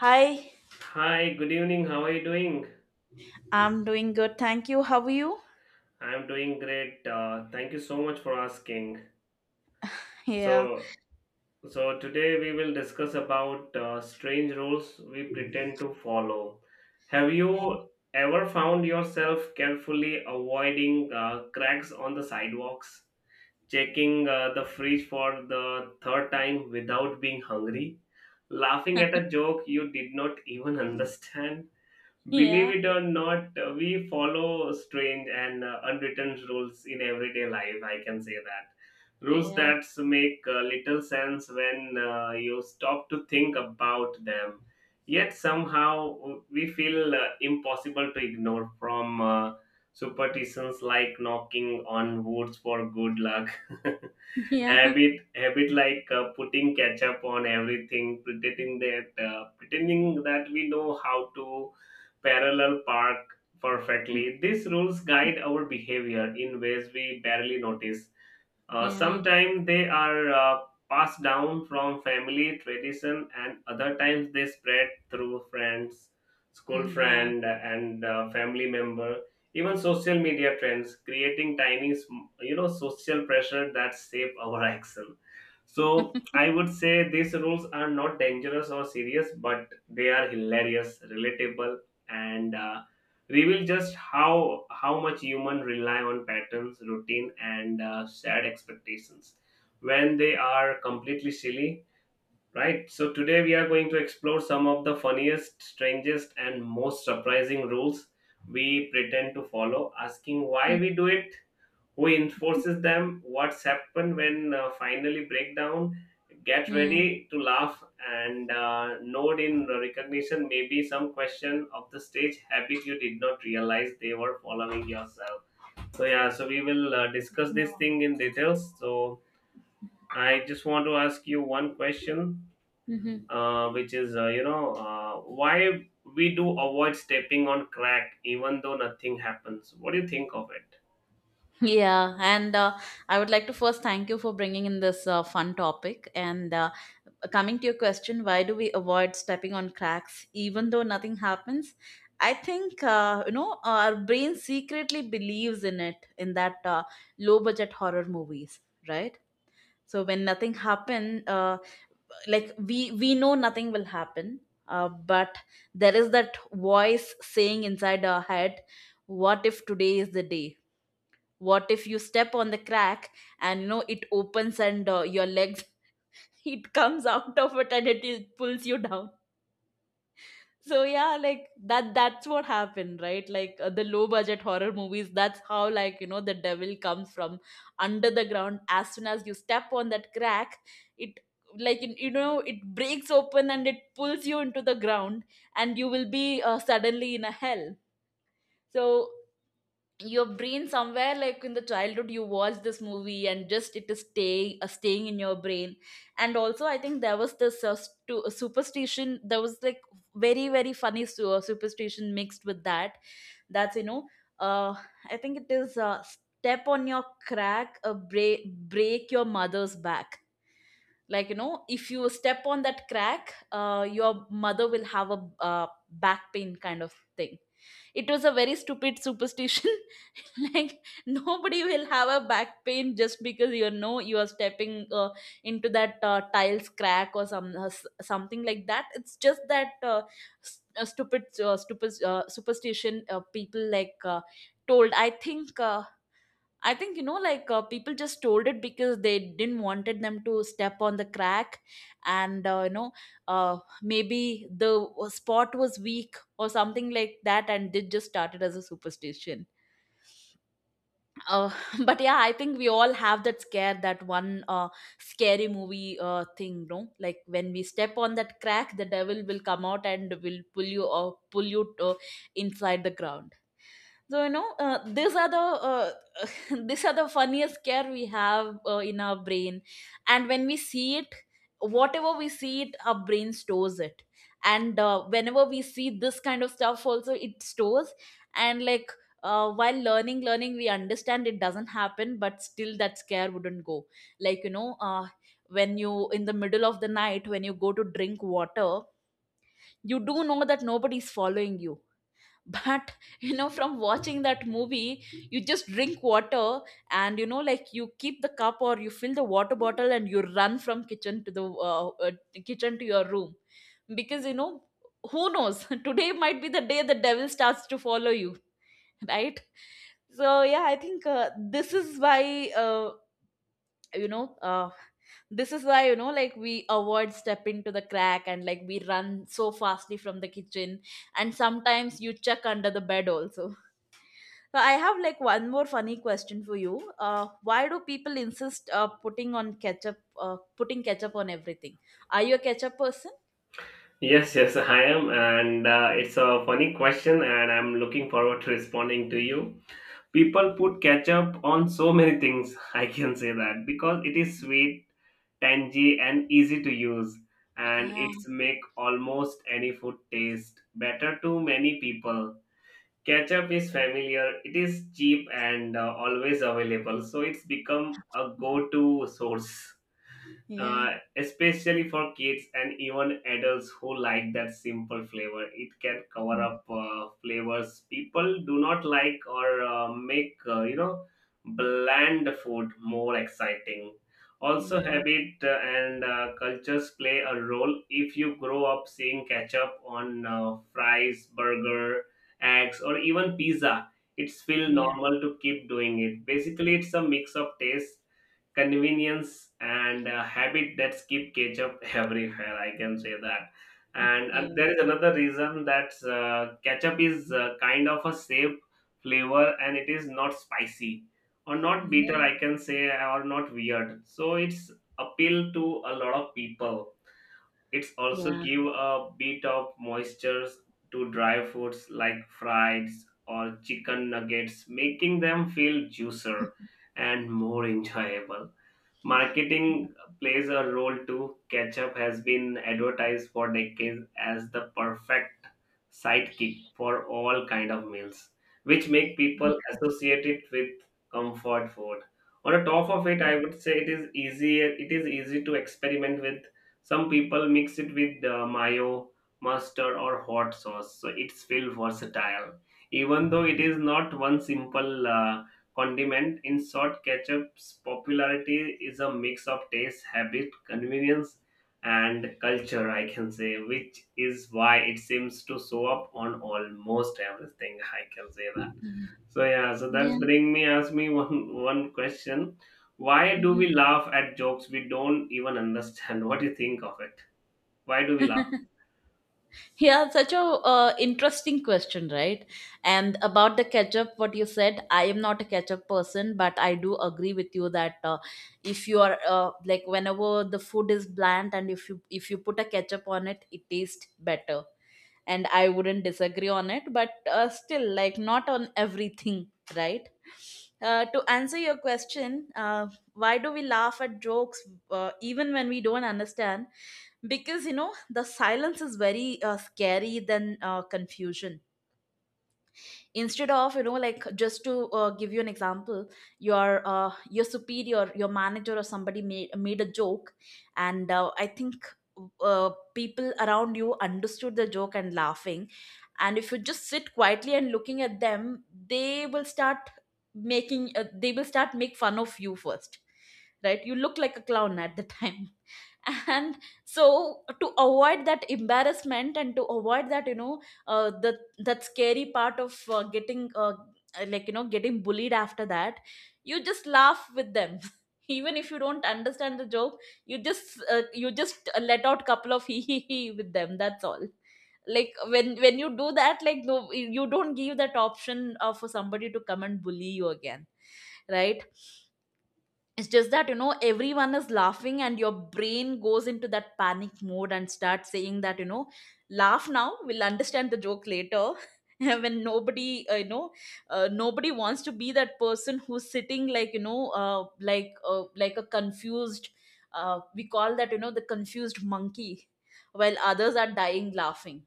Hi, Hi, good evening. How are you doing? I'm doing good. Thank you. How are you? I'm doing great. Thank you so much for asking. Yeah, So, so today we will discuss about strange rules we pretend to follow. Have yeah, you ever found yourself carefully avoiding cracks on the sidewalks, checking the fridge for the third time without being hungry, laughing at a joke you did not even understand? Believe yeah, it or not, we follow strange and unwritten rules in everyday life. I can say that. Rules yeah, that make little sense when you stop to think about them. Yet somehow we feel impossible to ignore from superstitions like knocking on woods for good luck. yeah, Habit like putting ketchup on everything, pretending that we know how to parallel park perfectly. These rules guide our behavior in ways we barely notice. Yeah, Sometimes they are passed down from family tradition, and other times they spread through friends, school yeah. friend, and family member. Even social media trends creating tiny, social pressure that shape our action. So I would say these rules are not dangerous or serious, but they are hilarious, relatable, and reveal just how much human rely on patterns, routine, and shared expectations when they are completely silly. Right. So today we are going to explore some of the funniest, strangest, and most surprising rules we pretend to follow, asking why Mm, we do it, who enforces them, what's happened when finally breakdown. Get Yeah, ready to laugh and nod in recognition, maybe some question of the stage habit you did not realize they were following yourself. So yeah, so we will discuss this thing in details. So I just want to ask you one question. Mhm. Which is why we do avoid stepping on crack even though nothing happens? What do you think of it? Yeah, and I would like to first thank you for bringing in this fun topic. And Coming to your question, why do we avoid stepping on cracks even though nothing happens? I think you know, our brain secretly believes in it in that low budget horror movies, right? So when nothing happens, like we know nothing will happen, but there is that voice saying inside our head, what if today is the day? What if you step on the crack and you know it opens and your legs it comes out of it and it pulls you down. So yeah, like that's what happened, right? Like the low budget horror movies, that's how, like, you know, the devil comes from under the ground. As soon as you step on that crack, it, like, you know, it breaks open and it pulls you into the ground, and you will be suddenly in a hell. So your brain somewhere, like in the childhood, you watched this movie and just it is staying in your brain. And also I think there was this superstition. There was like very very funny superstition mixed with that. That's, you know, uh, I think it is, step on your crack, break your mother's back. Like, you know, if you step on that crack, your mother will have a back pain kind of thing. It was a very stupid superstition. Like, nobody will have a back pain just because, you know, you are stepping into that tiles crack or some something like that. It's just that stupid stupid superstition people like told, I think, I think, you know, like people just told it because they didn't wanted them to step on the crack, and you know, maybe the spot was weak or something like that, and it just started as a superstition. Uh, but yeah, I think we all have that scare, that one scary movie thing, no? Like when we step on that crack, the devil will come out and will pull you or pull you inside the ground. So you know, these are the these are the funniest scare we have in our brain. And when we see it, whatever we see, it, our brain stores it. And whenever we see this kind of stuff also, it stores. And like, while learning we understand it doesn't happen, but still that scare wouldn't go. Like, you know, when you in the middle of the night, when you go to drink water, you do know that nobody's following you, but you know, from watching that movie, you just drink water. And you know, like, you keep the cup or you fill the water bottle, and you run from kitchen to the kitchen to your room, because, you know, who knows, today might be the day the devil starts to follow you. Right? So yeah, I think this is why, you know, this is why, you know, like, we avoid step into the crack and like we run so fastly from the kitchen, and sometimes you check under the bed also. So I have like one more funny question for you. Why do people insist, putting ketchup on everything? Are you a ketchup person? Yes, yes, I am, and it's a funny question, and I'm looking forward to responding to you. People put ketchup on so many things, I can say that, because it is sweet, tangy, and easy to use, and yeah it's make almost any food taste better to many people. Ketchup is familiar, it is cheap, and always available, so it's become a go-to source yeah uh, especially for kids and even adults who like that simple flavor. It can cover Mm. up flavors people do not like or make bland food more exciting. Also, yeah habit and cultures play a role. If you grow up seeing ketchup on fries, burger, eggs, or even pizza, it's feel yeah normal to keep doing it. Basically, it's a mix of taste, convenience, and a habit that keep ketchup everywhere, I can say that. and, and yeah there is another reason that ketchup is kind of a safe flavor, and it is not spicy or not bitter, I can say, or not weird, so it's appeal to a lot of people. It's yeah also yeah give a bit of moisture to dry foods like fries or chicken nuggets, making them feel juicer and more enjoyable. Marketing plays a role too. Ketchup has been advertised for decades as the perfect sidekick for all kind of meals, which make people associate it with comfort food. On the top of it, I would say it is easier. It is easy to experiment with. Some people mix it with mayo, mustard, or hot sauce, so it's feel versatile. Even though it is not one simple. Condiment. In short, ketchup's popularity is a mix of taste, habit, convenience, and culture, I can say, which is why it seems to show up on almost everything. I can say that. yeah So yeah, so that's yeah. bring me ask me one question. Why do Mhm. we laugh at jokes we don't even understand? What do you think of it? Why do we laugh? Yeah, such a interesting question, right? And about the ketchup, what you said, I am not a ketchup person, but I do agree with you that if you are like, whenever the food is bland and if you put a ketchup on it, it tastes better, and I wouldn't disagree on it, but still, like, not on everything, right? To answer your question, why do we laugh at jokes even when we don't understand? Because, you know, the silence is very scary than confusion. Instead of, you know, like, just to give you an example, your superior, your manager, or somebody made a joke, and I think people around you understood the joke and laughing, and if you just sit quietly and looking at them, they will start making they will start make fun of you first, right? You look like a clown at the time. And so, to avoid that embarrassment and to avoid that, you know, the that scary part of getting like, you know, getting bullied after that, you just laugh with them even if you don't understand the joke. You just you just let out couple of hee hee hee with them, that's all. Like, when you do that, like, no, you don't give that option for somebody to come and bully you again, right? It's just that, you know, everyone is laughing and your brain goes into that panic mode and starts saying that, you know, laugh now, we'll understand the joke later. When nobody, you know, nobody wants to be that person who's sitting like, you know, like a confused, we call that, you know, the confused monkey, while others are dying laughing.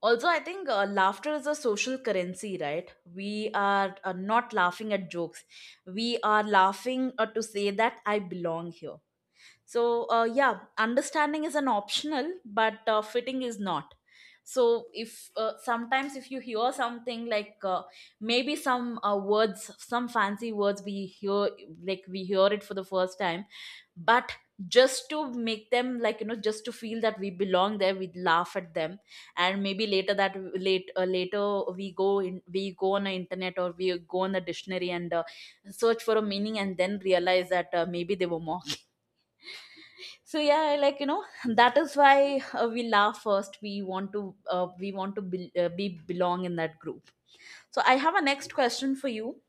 Also, I think laughter is a social currency, right? We are not laughing at jokes, we are laughing to say that I belong here. So yeah, understanding is an optional, but fitting is not. So if sometimes if you hear something like maybe some words, some fancy words we hear, like we hear it for the first time, but just to make them like, you know, just to feel that we belong there, we laugh at them. And maybe later, that late later we go in, we go on the internet or we go on the dictionary and search for a meaning, and then realize that maybe they were mocking. So yeah, like, you know, that is why we laugh first, we want to, we want to be belong in that group. So I have a next question for you.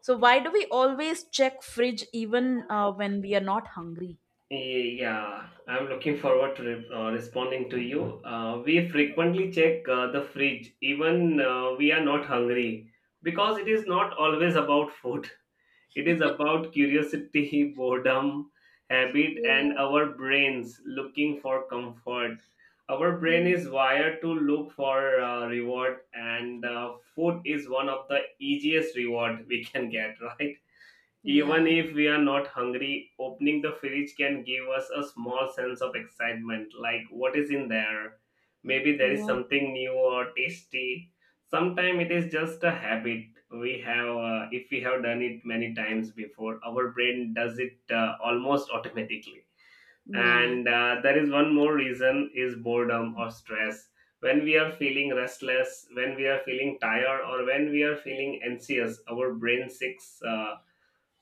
So why do we always check fridge even when we are not hungry? Yeah, I'm looking forward to responding to you. We frequently check the fridge, even we are not hungry, because it is not always about food. It is about curiosity, boredom, habit, and Yeah. our brains looking for comfort. Our brain Mm. is wired to look for reward, and food is one of the easiest reward we can get, right? Even yeah if we are not hungry, opening the fridge can give us a small sense of excitement like what is in there. Maybe there is Yeah. something new or tasty. Sometimes it is just a habit we have, if we have done it many times before, our brain does it almost automatically. yeah And there is one more reason is boredom or stress. When we are feeling restless, when we are feeling tired, or when we are feeling anxious, our brain seeks.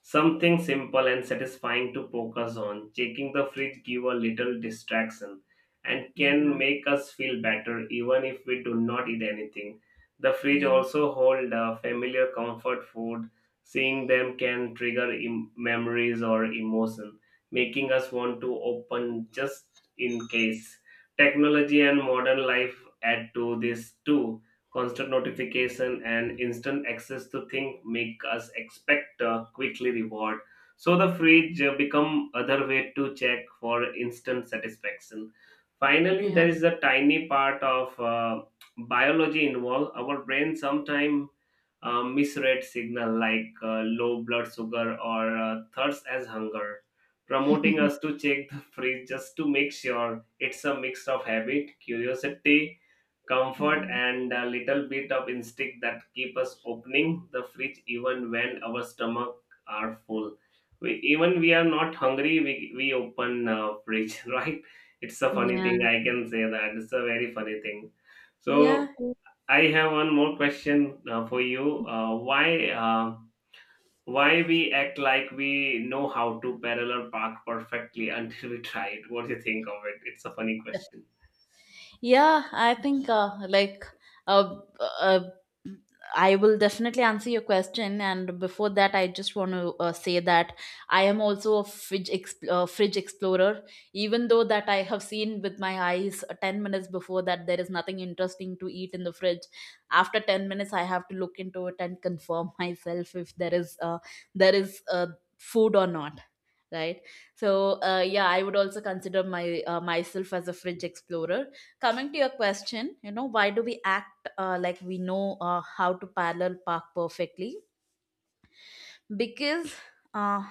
Something simple and satisfying to focus on. Checking the fridge give a little distraction, and can yeah make us feel better even if we do not eat anything. The fridge yeah also hold familiar comfort food. Seeing them can trigger memories or emotion, making us want to open just in case. Technology and modern life add to this too. Constant notification and instant access to things make us expect a quickly reward, so the fridge become other way to check for instant satisfaction. Finally, yeah. there is a tiny part of biology involved. Our brain sometimes misread signal like low blood sugar or thirst as hunger, promoting us to check the fridge just to make sure. It's a mix of habit, curiosity, comfort, Mm, and a little bit of instinct that keep us opening the fridge even when our stomach are full. We, even we are not hungry, we open fridge. Right. It's a funny yeah thing, I can say that. It's a very funny thing. yeah. So I have one more question for you. Why we act like we know how to parallel park perfectly until we try it? What do you think of it? It's a funny question. Yeah, I think uh, uh, I will definitely answer your question. And before that, I just want to say that I am also a fridge explorer. Even though that I have seen with my eyes 10 minutes before that there is nothing interesting to eat in the fridge. After 10 minutes, I have to look into it and confirm myself if there is food or not, right? So yeah, I would also consider my, myself as a fridge explorer. Coming to your question, you know, why do we act like we know how to parallel park perfectly? Because uh,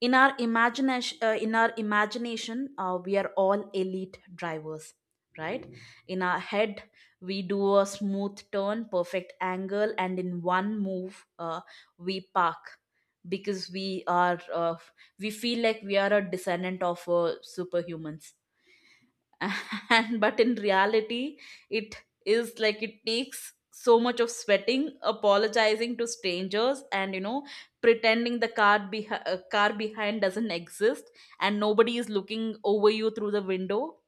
in our imagination, we are all elite drivers, right? In our head, we do a smooth turn, perfect angle, and in one move, we park. Because we are, we feel like we are a descendant of superhumans. And but in reality, it is like, it takes so much of sweating, apologizing to strangers, and, you know, pretending the car, car behind doesn't exist, and nobody is looking over you through the window.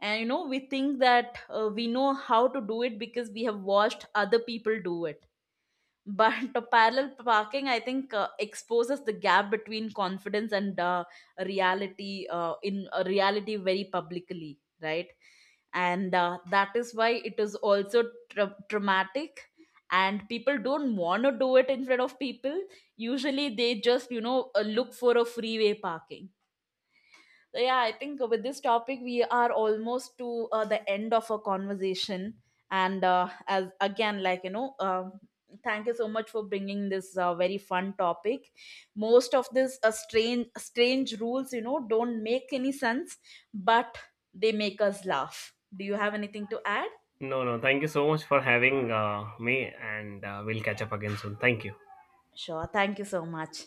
And you know, we think that we know how to do it because we have watched other people do it. But parallel parking, I think, exposes the gap between confidence and reality, very publicly, right? And that is why it is also traumatic. And people don't want to do it in front of people. Usually, they just, you know, look for a freeway parking. So yeah, I think with this topic, we are almost to the end of our conversation. And as again, like, you know, thank you so much for bringing this very fun topic. Most of this strange rules, you know, don't make any sense, but they make us laugh. Do you have anything to add? No, no. Thank you so much for having me, and we'll catch up again soon. Thank you. Sure, thank you so much.